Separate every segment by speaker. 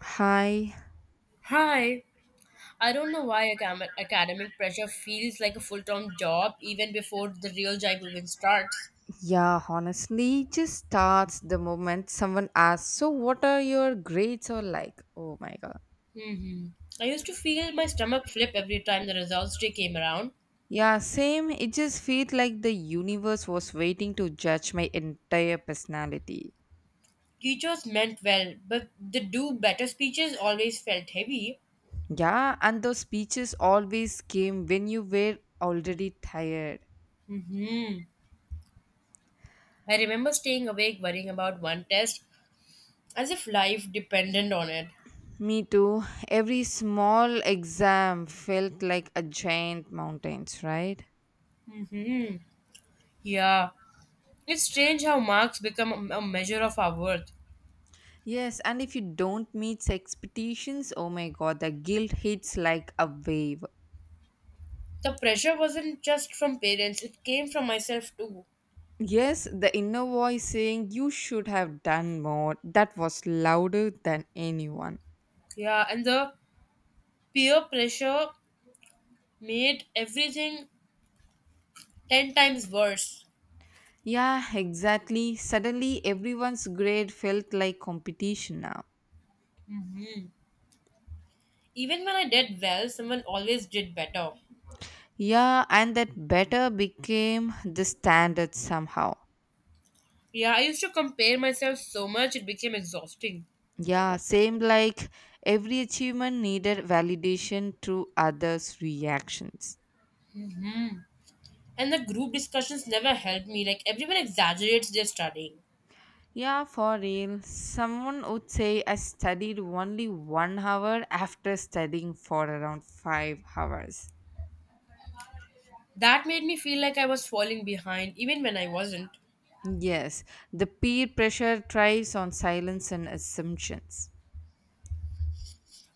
Speaker 1: Hi.
Speaker 2: Hi. I don't know why academic pressure feels like a full time job even before the real job even starts.
Speaker 1: Yeah, honestly, it just starts the moment someone asks, So, what are your grades or like? Oh my god.
Speaker 2: hmm I used to feel my stomach flip every time the results day came around.
Speaker 1: Yeah, same. It just feels like the universe was waiting to judge my entire personality.
Speaker 2: Teachers meant well, but the do better speeches always felt heavy.
Speaker 1: Yeah, and those speeches always came when you were already tired.
Speaker 2: hmm I remember staying awake worrying about one test as if life depended on it.
Speaker 1: Me too. Every small exam felt like a giant mountains, right?
Speaker 2: Hmm. Yeah. It's strange how marks become a measure of our worth.
Speaker 1: Yes, and if you don't meet expectations, oh my god, the guilt hits like a wave.
Speaker 2: The pressure wasn't just from parents, it came from myself too.
Speaker 1: Yes, the inner voice saying you should have done more, that was louder than anyone.
Speaker 2: Yeah, and the peer pressure made everything 10 times worse.
Speaker 1: Yeah, exactly. Suddenly, everyone's grade felt like competition now.
Speaker 2: Even when I did well, someone always did better.
Speaker 1: Yeah, and that better became the standard somehow.
Speaker 2: Yeah, I used to compare myself so much, it became exhausting.
Speaker 1: Yeah, same like every achievement needed validation through others' reactions.
Speaker 2: And the group discussions never helped me, like, everyone exaggerates their studying.
Speaker 1: Yeah, for real. Someone would say I studied only 1 hour after studying for around 5 hours.
Speaker 2: That made me feel like I was falling behind, even when I wasn't.
Speaker 1: Yes, the peer pressure thrives on silence and assumptions.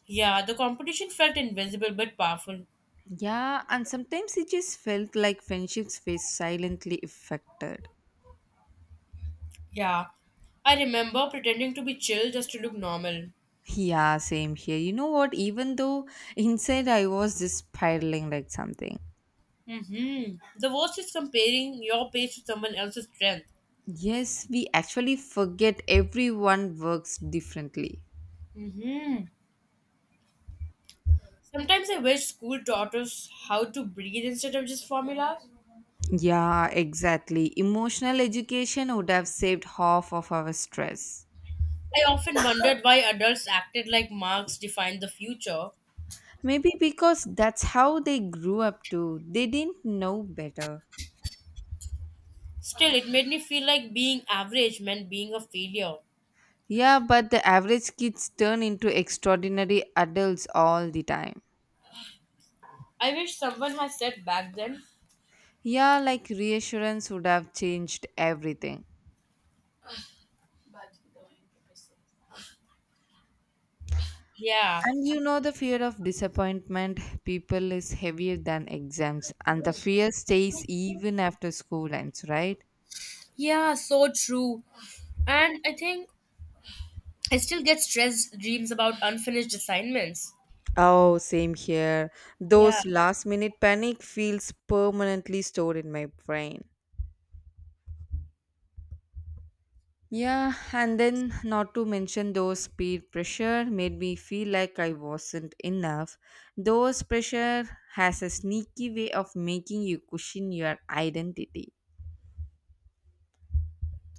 Speaker 2: Yeah, the competition felt invisible but powerful.
Speaker 1: Yeah, and sometimes it just felt like friendships were silently affected.
Speaker 2: Yeah, I remember pretending to be chill just to look normal.
Speaker 1: Yeah, same here. You know what? Even though inside I was just spiraling like something.
Speaker 2: The worst is comparing your pace to someone else's strength.
Speaker 1: Yes, we actually forget everyone works differently.
Speaker 2: hmm Sometimes I wish school taught us how to breathe instead of just formulas.
Speaker 1: Yeah, exactly. Emotional education would have saved half of our stress.
Speaker 2: I often wondered why adults acted like marks defined the future.
Speaker 1: Maybe because that's how they grew up too. They didn't know better.
Speaker 2: Still, it made me feel like being average meant being a failure.
Speaker 1: Yeah, but the average kids turn into extraordinary adults all the time.
Speaker 2: I wish someone had said back then.
Speaker 1: Yeah, like reassurance would have changed everything.
Speaker 2: Yeah,
Speaker 1: And you know, the fear of disappointment, people is heavier than exams, and the fear stays even after school ends, right?
Speaker 2: yeah, so true. And I think I still get stressed dreams about unfinished assignments.
Speaker 1: Oh, same here.
Speaker 2: Yeah.
Speaker 1: Those last minute panic feels permanently stored in my brain. Yeah, and then not to mention those peer pressure made me feel like I wasn't enough. Those pressure has a sneaky way of making you question your identity.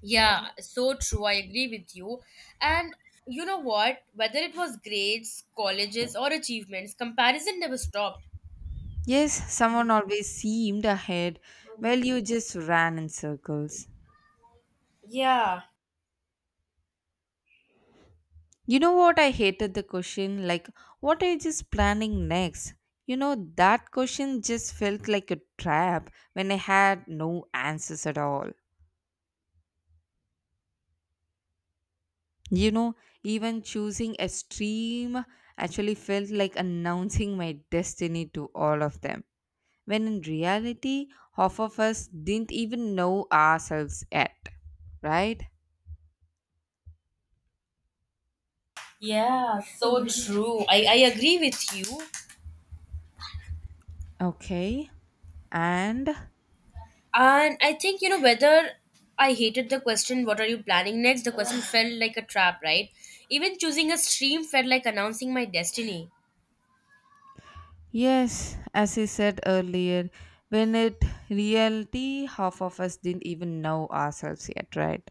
Speaker 2: Yeah, so true. I agree with you. And you know what? Whether it was grades, colleges, or achievements, comparison never stopped.
Speaker 1: Yes, someone always seemed ahead while you just ran in circles.
Speaker 2: Yeah,
Speaker 1: You know what? I hated the question like, what age is planning next? You know, that question just felt like a trap when I had no answers at all. You know, even choosing a stream actually felt like announcing my destiny to all of them, when in reality, half of us didn't even know ourselves yet, right?
Speaker 2: yeah, so true. I agree with you.
Speaker 1: Okay, and
Speaker 2: And I think, whether I hated the question, what are you planning next? The question felt like a trap, right? Even choosing a stream felt like announcing my destiny.
Speaker 1: Yes, as I said earlier, when it reality, half of us didn't even know ourselves yet, right?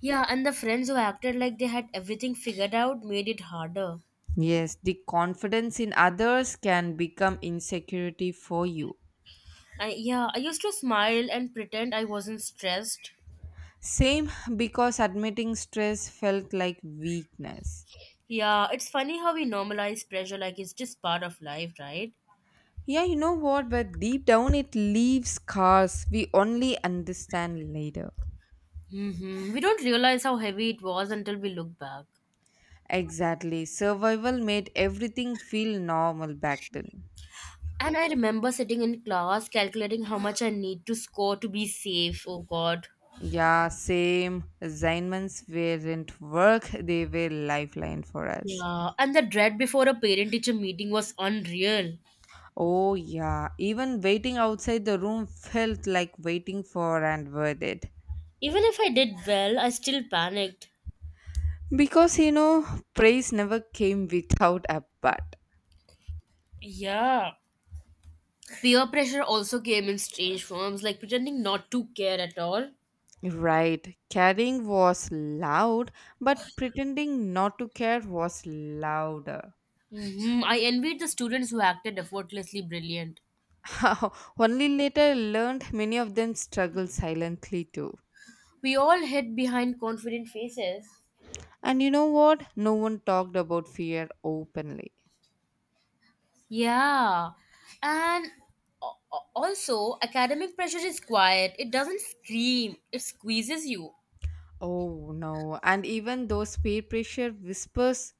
Speaker 2: Yeah, and the friends who acted like they had everything figured out made it harder.
Speaker 1: Yes, the confidence in others can become insecurity for you.
Speaker 2: Yeah, I used to smile and pretend I wasn't stressed.
Speaker 1: Same because admitting stress felt like weakness.
Speaker 2: Yeah, it's funny how we normalize pressure like it's just part of life, right?
Speaker 1: Yeah, you know what? But deep down, it leaves scars we only understand later.
Speaker 2: We don't realize how heavy it was until we look back.
Speaker 1: Exactly. Survival made everything feel normal back then.
Speaker 2: And I remember sitting in class calculating how much I need to score to be safe. Oh God.
Speaker 1: Yeah, same. Assignments weren't work, they were lifeline for us.
Speaker 2: Yeah, and the dread before a parent teacher meeting was unreal.
Speaker 1: Oh yeah, even waiting outside the room felt like waiting for and worth it.
Speaker 2: Even if I did well, I still panicked.
Speaker 1: Because you know, praise never came without a but.
Speaker 2: Yeah. Peer pressure also came in strange forms, like pretending not to care at all.
Speaker 1: Right, caring was loud, but pretending not to care was louder.
Speaker 2: I envied the students who acted effortlessly brilliant.
Speaker 1: Only later I learned many of them struggled silently too.
Speaker 2: We all hid behind confident faces.
Speaker 1: And you know what? No one talked about fear openly.
Speaker 2: Yeah. And also, academic pressure is quiet. It doesn't scream, it squeezes you.
Speaker 1: Oh no. And even those peer pressure whispers,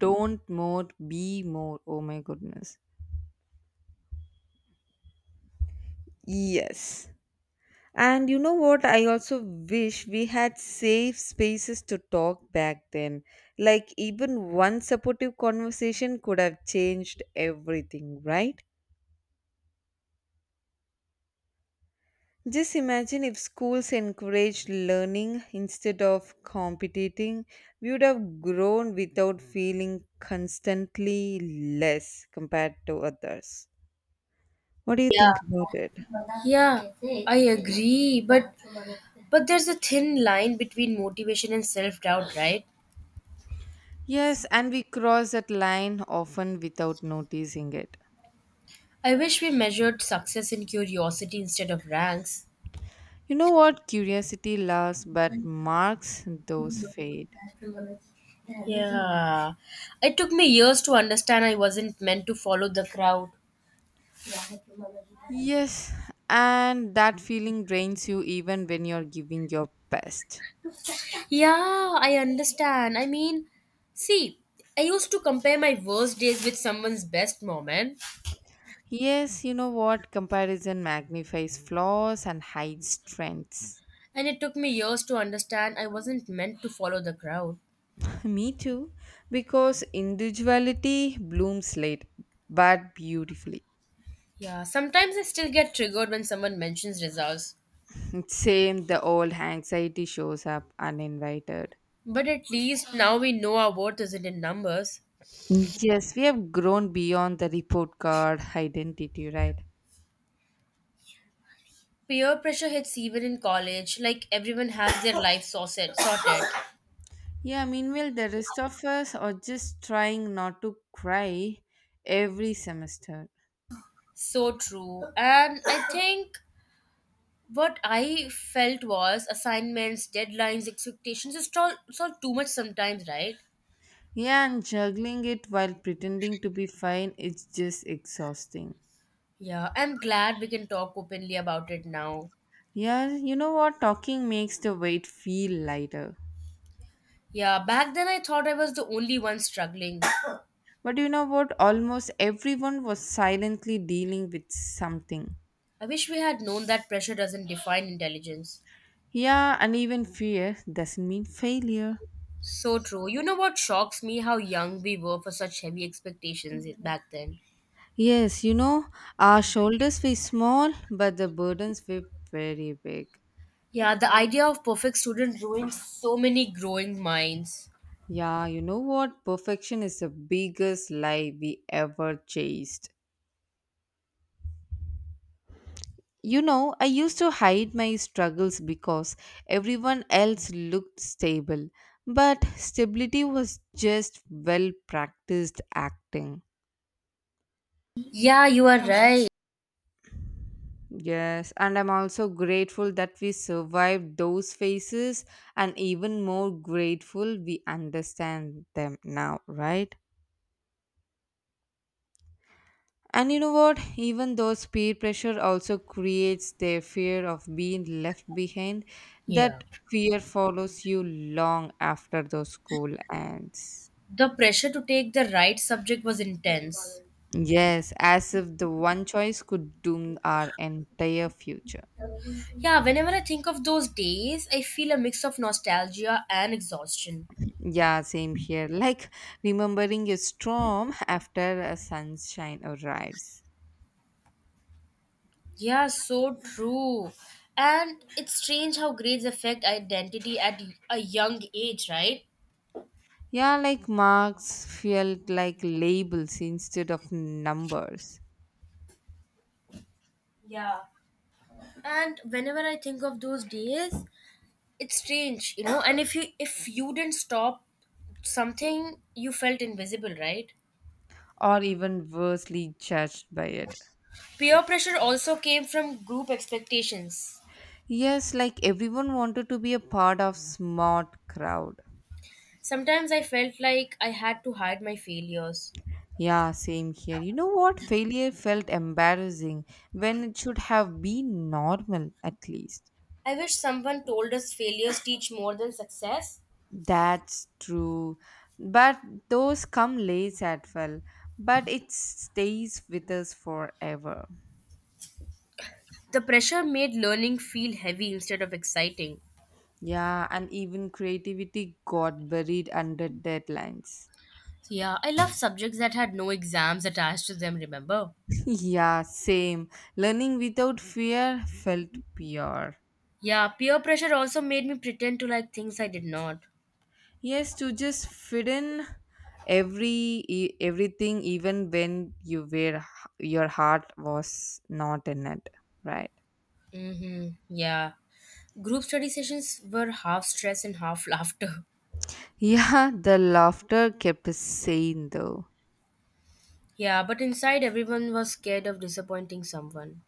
Speaker 1: don't more, be more. Oh my goodness. Yes. And you know what? I also wish we had safe spaces to talk back then. Like, even one supportive conversation could have changed everything, right? Just imagine if schools encouraged learning instead of competing, we would have grown without feeling constantly less compared to others. What do you think about it?
Speaker 2: Yeah, I agree, but there's a thin line between motivation and self-doubt, right?
Speaker 1: Yes, and we cross that line often without noticing it.
Speaker 2: I wish we measured success in curiosity instead of ranks.
Speaker 1: You know what? Curiosity lasts, but marks those fade.
Speaker 2: Yeah. It took me years to understand I wasn't meant to follow the crowd.
Speaker 1: Yes, and that feeling drains you even when you're giving your best.
Speaker 2: Yeah, I understand. I mean, see, I used to compare my worst days with someone's best moment,
Speaker 1: Yes, you know what? Comparison magnifies flaws and hides strengths.
Speaker 2: and it took me years to understand I wasn't meant to follow the crowd.
Speaker 1: Me too, because individuality blooms late but beautifully.
Speaker 2: Yeah, sometimes I still get triggered when someone mentions results.
Speaker 1: Same, the old anxiety shows up uninvited.
Speaker 2: But at least now we know our worth isn't in numbers.
Speaker 1: Yes, we have grown beyond the report card identity, right?
Speaker 2: Peer pressure hits even in college, like everyone has their life sorted.
Speaker 1: Yeah, meanwhile, the rest of us are just trying not to cry every semester.
Speaker 2: So true. And I think what I felt was assignments, deadlines, expectations. It's all too much sometimes, right?
Speaker 1: Yeah, and juggling it while pretending to be fine is just exhausting.
Speaker 2: Yeah, I'm glad we can talk openly about it now.
Speaker 1: Yeah, you know what? Talking makes the weight feel lighter.
Speaker 2: Yeah, back then I thought I was the only one struggling.
Speaker 1: But you know what? Almost everyone was silently dealing with something.
Speaker 2: I wish we had known that pressure doesn't define intelligence.
Speaker 1: Yeah, and even fear doesn't mean failure.
Speaker 2: So true. You know what shocks me? How young we were for such heavy expectations back then.
Speaker 1: Yes, you know, our shoulders were small, but the burdens were very big.
Speaker 2: Yeah, the idea of perfect student ruined so many growing minds.
Speaker 1: Yeah, you know what? Perfection is the biggest lie we ever chased. You know, I used to hide my struggles because everyone else looked stable, but stability was just well practiced acting.
Speaker 2: Yeah, you are right.
Speaker 1: Yes, and I'm also grateful that we survived those phases, and even more grateful we understand them now, right? And you know what? Even though peer pressure also creates their fear of being left behind,
Speaker 2: Yeah.
Speaker 1: that fear follows you long after the school ends.
Speaker 2: The pressure to take the right subject was intense.
Speaker 1: Yes, as if the one choice could doom our entire future.
Speaker 2: Yeah, whenever I think of those days, I feel a mix of nostalgia and exhaustion.
Speaker 1: Yeah, same here. Like remembering a storm after a sunshine arrives.
Speaker 2: Yeah, so true. And it's strange how grades affect identity at a young age, right?
Speaker 1: Yeah, like marks felt like labels instead of numbers,
Speaker 2: Yeah. And whenever I think of those days, it's strange. And if you didn't stop something, you felt invisible, right?
Speaker 1: or even worsley judged by it.
Speaker 2: Peer pressure also came from group expectations.
Speaker 1: Yes, like everyone wanted to be a part of smart crowd.
Speaker 2: Sometimes I felt like I had to hide my failures.
Speaker 1: Yeah, same here. You know what? Failure felt embarrassing when it should have been normal at least.
Speaker 2: I wish someone told us failures teach more than success.
Speaker 1: That's true. But those come late at well, but it stays with us forever.
Speaker 2: The pressure made learning feel heavy instead of exciting.
Speaker 1: Yeah, and even creativity got buried under deadlines.
Speaker 2: Yeah, I love subjects that had no exams attached to them, remember?
Speaker 1: Yeah, same. Learning without fear felt pure.
Speaker 2: Yeah, peer pressure also made me pretend to like things I did not.
Speaker 1: Yes, to just fit in every everything, even when you were your heart was not in it, right?
Speaker 2: Mm-hmm. Yeah. Group study sessions were half stress and half laughter.
Speaker 1: Yeah, the laughter kept us sane though.
Speaker 2: Yeah, but inside everyone was scared of disappointing someone.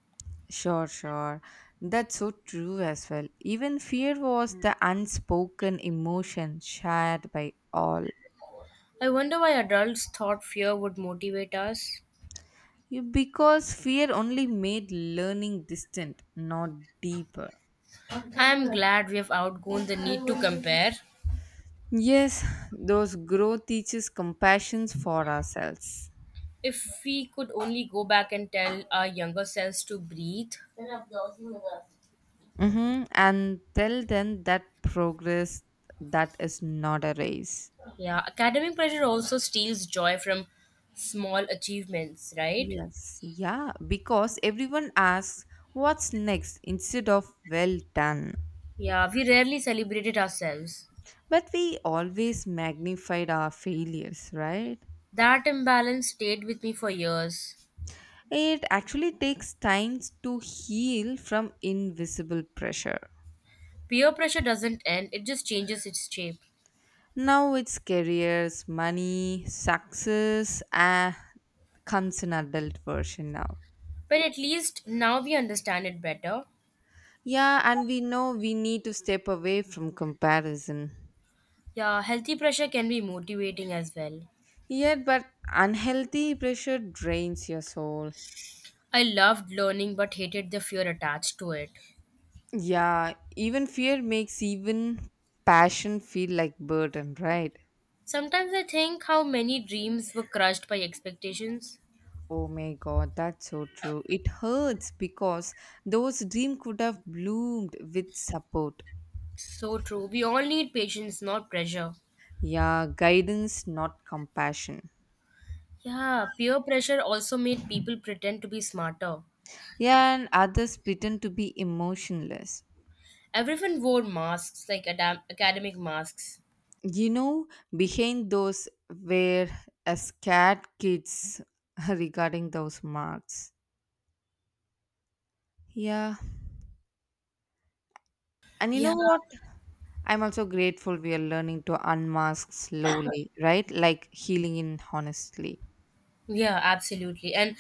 Speaker 1: Sure, sure. That's so true as well. Even fear was the unspoken emotion shared by all.
Speaker 2: I wonder why adults thought fear would motivate us.
Speaker 1: You- Because fear only made learning distant, not deeper.
Speaker 2: I'm glad we have outgrown the need to compare.
Speaker 1: Yes, those growth teaches compassion for ourselves.
Speaker 2: If we could only go back and tell our younger selves to breathe.
Speaker 1: Mm-hmm. And tell them that progress that is not a race.
Speaker 2: Yeah, academic pressure also steals joy from small achievements, right?
Speaker 1: Yes, yeah, because everyone asks what's next instead of well done.
Speaker 2: Yeah, we rarely celebrated ourselves.
Speaker 1: But we always magnified our failures, right?
Speaker 2: That imbalance stayed with me for years.
Speaker 1: It actually takes time to heal from invisible pressure.
Speaker 2: Peer pressure doesn't end, it just changes its shape.
Speaker 1: Now it's careers, money, success, ah, comes an adult version now.
Speaker 2: But at least now we understand it better.
Speaker 1: Yeah, and we know we need to step away from comparison.
Speaker 2: Yeah, healthy pressure can be motivating as well.
Speaker 1: Yet, but unhealthy pressure drains your soul.
Speaker 2: I loved learning but hated the fear attached to it.
Speaker 1: Yeah, even fear makes even passion feel like burden, right?
Speaker 2: Sometimes I think how many dreams were crushed by expectations.
Speaker 1: Oh my god, that's so true. It hurts because those dreams could have bloomed with support.
Speaker 2: So true. We all need patience, not pressure.
Speaker 1: Yeah, guidance, not compassion.
Speaker 2: Yeah, peer pressure also made people pretend to be smarter.
Speaker 1: Yeah, and others pretend to be emotionless.
Speaker 2: Everyone wore masks, like academic masks.
Speaker 1: You know behind those were a scared kids regarding those marks yeah and you
Speaker 2: Yeah,
Speaker 1: know what I'm also grateful we are learning to unmask slowly right like healing in honestly
Speaker 2: yeah, absolutely. And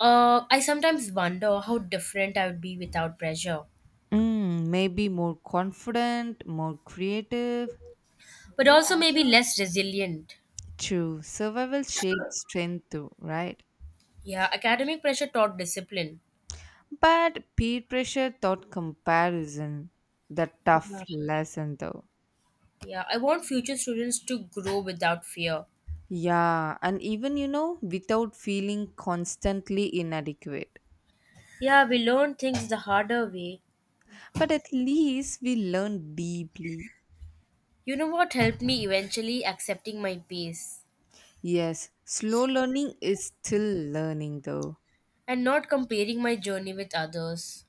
Speaker 2: I sometimes wonder how different I would be without pressure,
Speaker 1: mm, maybe more confident more creative
Speaker 2: but also maybe less resilient.
Speaker 1: true survival shapes strength too right
Speaker 2: Yeah, academic pressure taught discipline.
Speaker 1: but peer pressure taught comparison the tough
Speaker 2: Yeah,
Speaker 1: lesson though
Speaker 2: yeah. I want future students to grow without fear.
Speaker 1: Yeah, and even you know, without feeling constantly inadequate.
Speaker 2: Yeah, we learn things the harder way.
Speaker 1: But at least we learn deeply.
Speaker 2: You know what helped me eventually accepting my pace
Speaker 1: Yes, slow learning is still learning though.
Speaker 2: and not comparing my journey with others.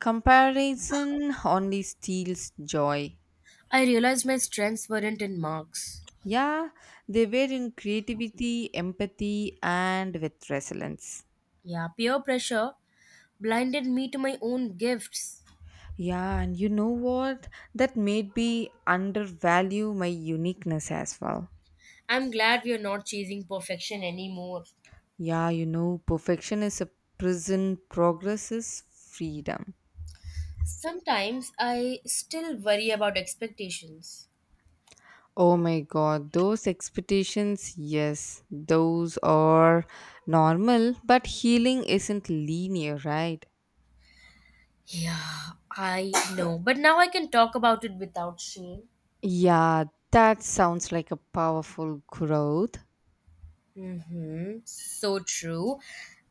Speaker 1: Comparison only steals joy.
Speaker 2: I realized my strengths weren't in marks.
Speaker 1: Yeah, they were in creativity, empathy, and with resilience.
Speaker 2: Yeah, peer pressure blinded me to my own gifts.
Speaker 1: Yeah, and you know what? That made me undervalue my uniqueness as well.
Speaker 2: I'm glad we are not chasing perfection anymore.
Speaker 1: Yeah, you know, perfection is a prison, progress is freedom.
Speaker 2: Sometimes I still worry about expectations.
Speaker 1: Oh my god, those expectations, yes, those are normal, but healing isn't linear, right?
Speaker 2: Yeah, I know, but now I can talk about it without shame.
Speaker 1: Yeah, that sounds like a powerful growth.
Speaker 2: Mm-hmm. So true.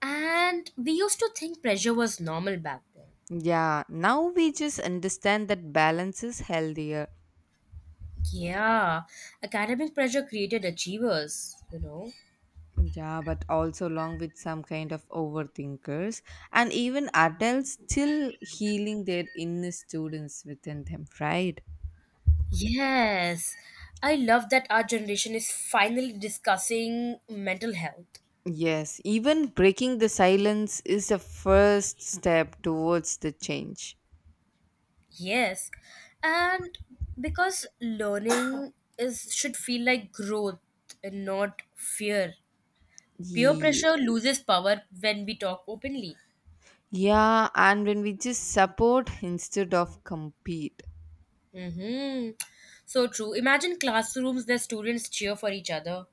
Speaker 2: And we used to think pressure was normal back then.
Speaker 1: Yeah, now we just understand that balance is healthier.
Speaker 2: Yeah, academic pressure created achievers.
Speaker 1: Yeah, but also along with some kind of overthinkers and even adults still healing their inner students within them, right?
Speaker 2: Yes, I love that our generation is finally discussing mental health.
Speaker 1: Yes, even breaking the silence is the first step towards the change.
Speaker 2: Yes, and because learning is should feel like growth and not fear. Peer
Speaker 1: Yeah.
Speaker 2: pressure loses power when we talk openly.
Speaker 1: Yeah, and when we just support instead of compete.
Speaker 2: Mm-hmm. So true. Imagine classrooms where students cheer for each other.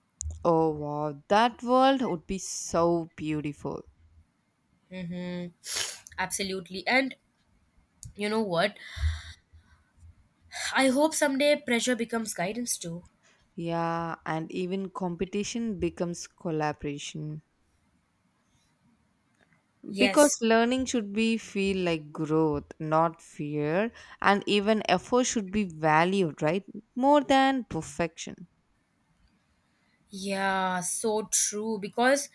Speaker 1: Oh wow, that world would be so beautiful.
Speaker 2: Mm-hmm. Absolutely. And you know what? I hope someday pressure becomes guidance too.
Speaker 1: Yeah, and even competition becomes collaboration. Because
Speaker 2: Yes.
Speaker 1: learning should be feel like growth, not fear, and even effort should be valued, right? More than perfection.
Speaker 2: Yeah, so true. Because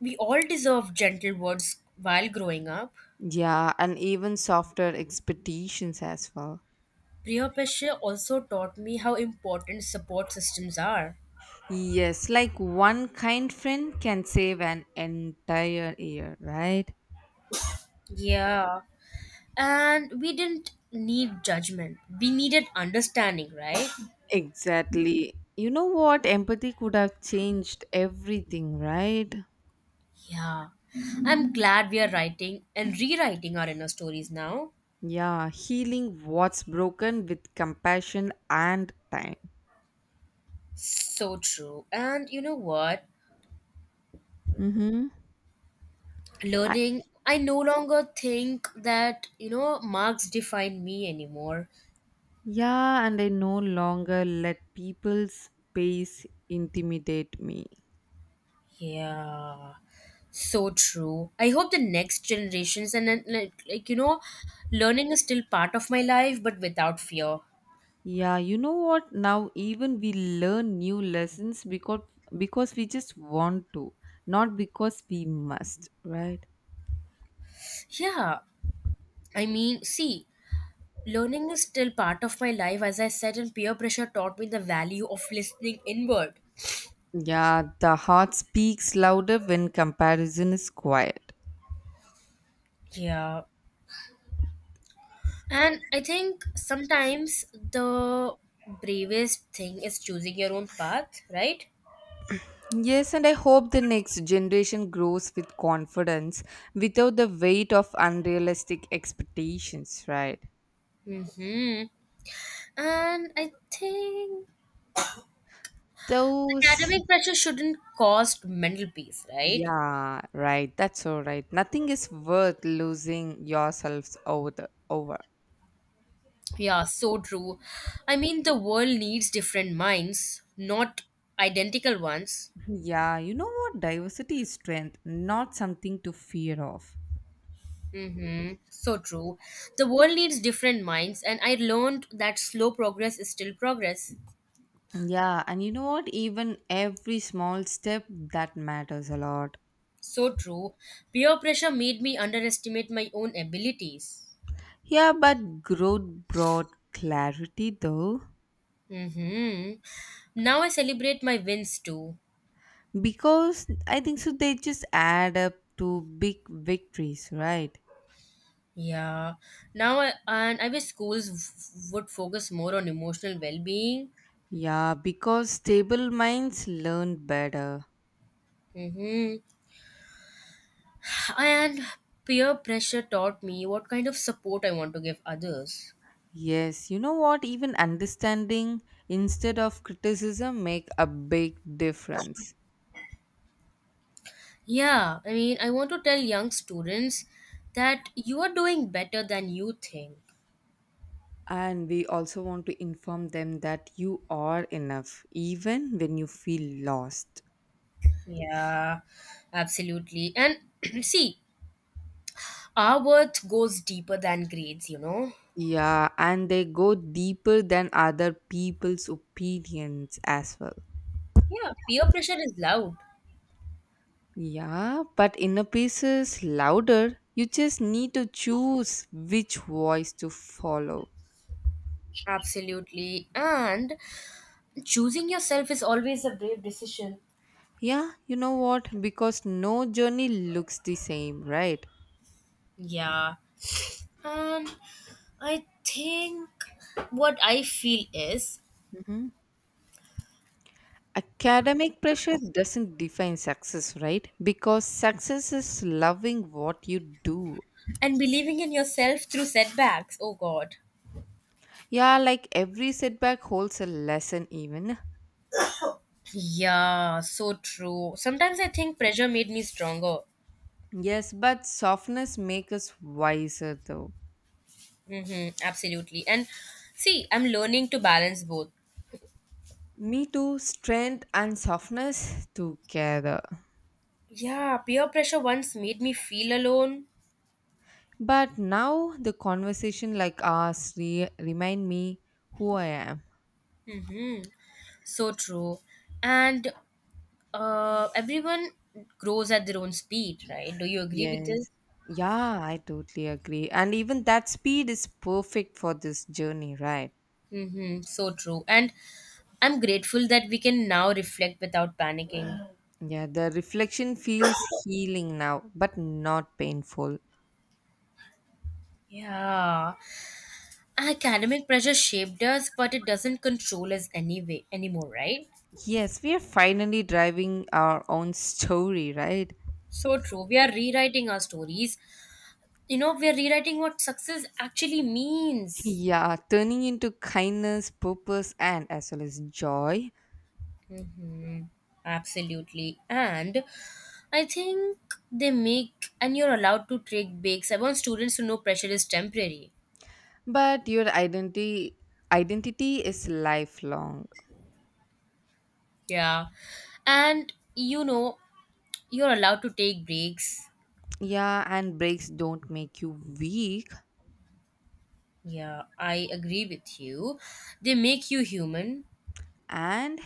Speaker 2: we all deserve gentle words while growing up.
Speaker 1: Yeah, and even softer expectations as well.
Speaker 2: Priya Peshe also taught me how important support systems are.
Speaker 1: Yes, like one kind friend can save an entire year, right?
Speaker 2: Yeah. And we didn't need judgment. We needed understanding, right?
Speaker 1: Exactly. You know what? Empathy could have changed everything, right?
Speaker 2: Yeah, I'm glad we are writing and rewriting our inner stories now.
Speaker 1: Yeah, healing what's broken with compassion and time.
Speaker 2: So true. And you know what?
Speaker 1: Mm-hmm.
Speaker 2: Learning, I no longer think that, marks define me anymore.
Speaker 1: Yeah, and I no longer let people's pace intimidate me.
Speaker 2: Yeah, so true. I hope the next generations and then, like learning is still part of my life, but without fear.
Speaker 1: Yeah, you know what? Now even we learn new lessons because we just want to, not because we must, right?
Speaker 2: Yeah, I mean, see, learning is still part of my life. As I said, and peer pressure taught me the value of listening inward.
Speaker 1: Yeah, the heart speaks louder when comparison is quiet.
Speaker 2: Yeah. And I think sometimes the bravest thing is choosing your own path, right?
Speaker 1: Yes, and I hope the next generation grows with confidence without the weight of unrealistic expectations, right?
Speaker 2: Mm-hmm. And I think
Speaker 1: Those
Speaker 2: academic pressure shouldn't cost mental peace, right?
Speaker 1: Yeah, right. That's all right. Nothing is worth losing yourselves over. The, over.
Speaker 2: Yeah, so true. I mean, the world needs different minds, not identical ones.
Speaker 1: Yeah, you know what? Diversity is strength, not something to fear of.
Speaker 2: Mm-hmm. So true. The world needs different minds, and I learned that slow progress is still progress.
Speaker 1: Yeah, and you know what? Even every small step that matters a lot.
Speaker 2: So true. Peer pressure made me underestimate my own abilities.
Speaker 1: Yeah, but growth brought clarity though,
Speaker 2: hmm Now I celebrate my wins too.
Speaker 1: because I think so they just add up to big victories, right?
Speaker 2: Yeah. And I wish schools would focus more on emotional well-being.
Speaker 1: Yeah, because stable minds learn better.
Speaker 2: hmm And peer pressure taught me what kind of support I want to give others.
Speaker 1: Yes, you know what? Even understanding instead of criticism make a big difference.
Speaker 2: Yeah, I mean, I want to tell young students that you are doing better than you think.
Speaker 1: And we also want to inform them that you are enough, even when you feel lost.
Speaker 2: Yeah, absolutely. And see, our worth goes deeper than grades.
Speaker 1: Yeah, and they go deeper than other people's opinions as well.
Speaker 2: Yeah, peer pressure is loud.
Speaker 1: Yeah, but inner peace is louder. You just need to choose which voice to follow.
Speaker 2: Absolutely. And choosing yourself is always a brave decision.
Speaker 1: Yeah, you know what? Because no journey looks the same, right?
Speaker 2: Yeah. And I think what I feel is
Speaker 1: Mhm. Academic pressure doesn't define success, right? Because success is loving what you do.
Speaker 2: and believing in yourself through setbacks. Oh God.
Speaker 1: Yeah, like every setback holds a lesson, even.
Speaker 2: Yeah, so true. Sometimes I think pressure made me stronger.
Speaker 1: Yes, but softness makes us wiser, though.
Speaker 2: Mm-hmm, absolutely. And see, I'm learning to balance both.
Speaker 1: Me too, strength and softness together.
Speaker 2: Yeah, peer pressure once made me feel alone.
Speaker 1: But now the conversation like ours remind me who I am.
Speaker 2: So true. And everyone grows at their own speed, right? Do you agree with this?
Speaker 1: Yes. Yeah, I totally agree. And even that speed is perfect for this journey, right?
Speaker 2: Mm-hmm. So true. And I'm grateful that we can now reflect without panicking.
Speaker 1: Yeah, the reflection feels healing now, but not painful.
Speaker 2: Yeah. Academic pressure shaped us, but it doesn't control us anyway anymore, right?
Speaker 1: Yes, we are finally driving our own story, right?
Speaker 2: So true. We are rewriting our stories. We are rewriting what success actually means.
Speaker 1: Yeah, turning into kindness, purpose, and as well as joy.
Speaker 2: Mm-hmm. Absolutely. And I think they make, and you're allowed to take breaks. I want students to know pressure is temporary.
Speaker 1: But your identity is lifelong.
Speaker 2: Yeah. And, you're allowed to take breaks.
Speaker 1: Yeah, and breaks don't make you weak.
Speaker 2: Yeah, I agree with you. They make you human.
Speaker 1: And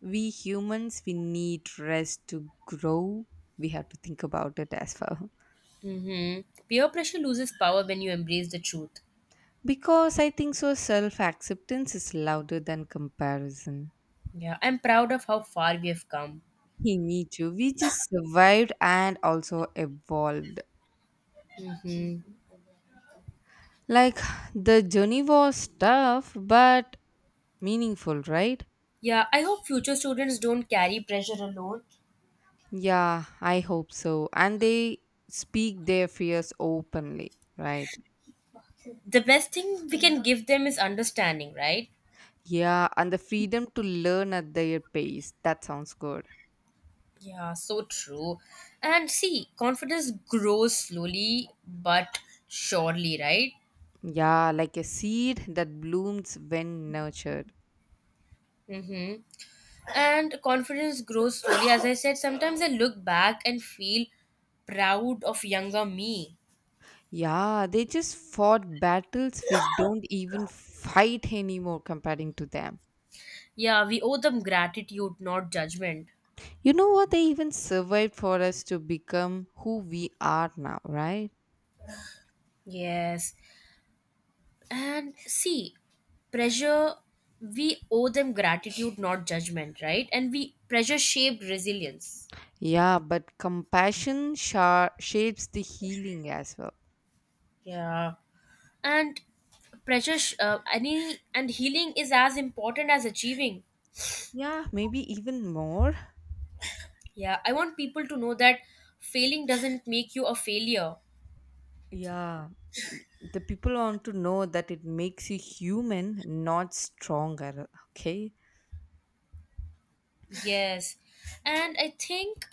Speaker 1: we humans, we need rest to grow. We have to think about it as well.
Speaker 2: Mm-hmm. Peer pressure loses power when you embrace the truth.
Speaker 1: Because I think so, self acceptance is louder than comparison.
Speaker 2: Yeah, I'm proud of how far we have come.
Speaker 1: He, me too. We just survived and also evolved.
Speaker 2: Mm-hmm.
Speaker 1: Like, the journey was tough but meaningful, right?
Speaker 2: Yeah, I hope future students don't carry pressure alone.
Speaker 1: Yeah, I hope so. And they speak their fears openly, right?
Speaker 2: The best thing we can give them is understanding, right?
Speaker 1: Yeah, and the freedom to learn at their pace. That sounds good.
Speaker 2: Yeah, so true. And see, confidence grows slowly but surely, right?
Speaker 1: Yeah, like a seed that blooms when nurtured.
Speaker 2: Mm-hmm. And confidence grows slowly. As I said, sometimes I look back and feel proud of younger me.
Speaker 1: Yeah, they just fought battles we don't even fight anymore comparing to them.
Speaker 2: Yeah, we owe them gratitude, not judgment.
Speaker 1: You know what? They even survived for us to become who we are now, right?
Speaker 2: Yes. And see, pressure, we owe them gratitude, not judgment, right? And we pressure shaped resilience.
Speaker 1: Yeah, but compassion shapes the healing as well.
Speaker 2: Yeah. and pressure sh- any and healing is as important as achieving.
Speaker 1: Yeah, maybe even more.
Speaker 2: Yeah, I want people to know that failing doesn't make you a failure.
Speaker 1: Yeah, the people want to know that it makes you human, not stronger. Okay.
Speaker 2: Yes. And I think,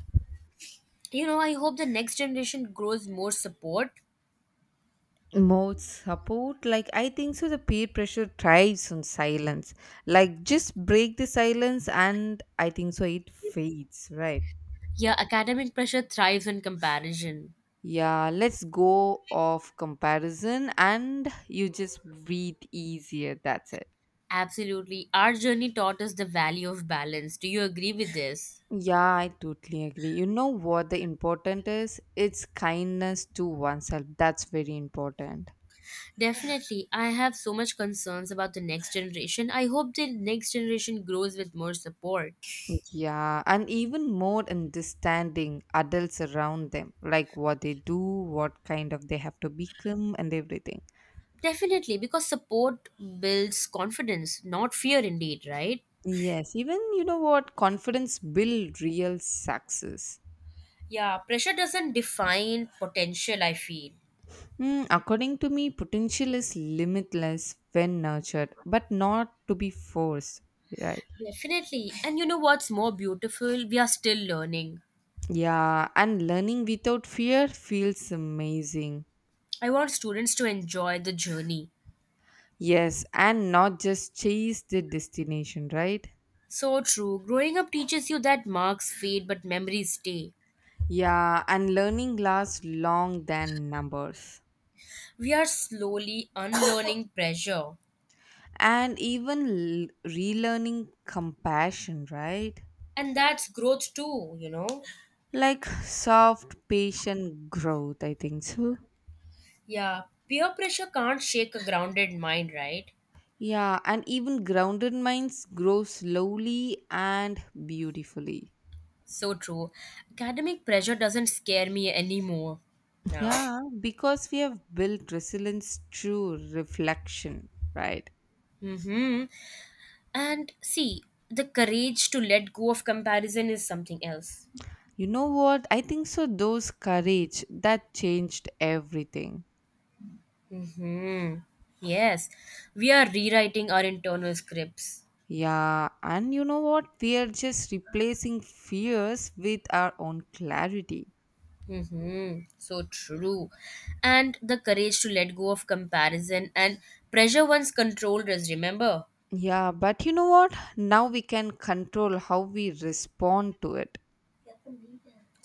Speaker 2: I hope the next generation grows more support.
Speaker 1: More support, like I think so, the peer pressure thrives on silence. Like just break the silence, and I think so, it fades, right?
Speaker 2: Yeah, academic pressure thrives on comparison.
Speaker 1: Yeah, let's go off comparison, and you just breathe easier. That's it.
Speaker 2: Absolutely. Our journey taught us the value of balance. Do you agree with this?
Speaker 1: Yeah, I totally agree. You know what the important is? It's kindness to oneself. That's very important.
Speaker 2: Definitely. I have so much concerns about the next generation. I hope the next generation grows with more support.
Speaker 1: Yeah, and even more understanding adults around them, like what they do, what kind of they have to become, and everything.
Speaker 2: Definitely, because support builds confidence, not fear, indeed, right?
Speaker 1: Yes, even you know what confidence build real success.
Speaker 2: Yeah, pressure doesn't define potential, I feel.
Speaker 1: Mm, according to me, potential is limitless when nurtured, but not to be forced. Right.
Speaker 2: Definitely. And you know what's more beautiful? We are still learning.
Speaker 1: Yeah, and learning without fear feels amazing.
Speaker 2: I want students to enjoy the journey.
Speaker 1: Yes, and not just chase the destination, right?
Speaker 2: So true. Growing up teaches you that marks fade but memories stay.
Speaker 1: Yeah, and learning lasts long than numbers.
Speaker 2: We are slowly unlearning pressure.
Speaker 1: And even relearning compassion, right?
Speaker 2: And that's growth too, you know?
Speaker 1: Like soft, patient growth, I think so.
Speaker 2: Yeah, peer pressure can't shake a grounded mind, right?
Speaker 1: Yeah, and even grounded minds grow slowly and beautifully.
Speaker 2: So true. Academic pressure doesn't scare me anymore now.
Speaker 1: Yeah, because we have built resilience through reflection, right?
Speaker 2: Mm-hmm. And see, the courage to let go of comparison is something else.
Speaker 1: You know what? I think so. Those courage that changed everything.
Speaker 2: Mm-hmm. Yes, we are rewriting our internal scripts.
Speaker 1: Yeah, and you know what? We are just replacing fears with our own clarity.
Speaker 2: Mm-hmm. So true. And the courage to let go of comparison and pressure once controlled us, remember?
Speaker 1: Yeah, but you know what? Now we can control how we respond to it.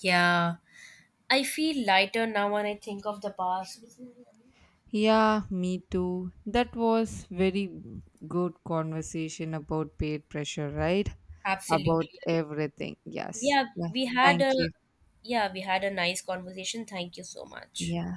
Speaker 2: Yeah. I feel lighter now when I think of the past.
Speaker 1: Yeah, me too. That was very good conversation about peer pressure, right? About
Speaker 2: Absolutely.
Speaker 1: everything. Yes.
Speaker 2: Yeah,
Speaker 1: Yeah. Thank you.
Speaker 2: we had a nice conversation. Thank you so much.
Speaker 1: Yeah.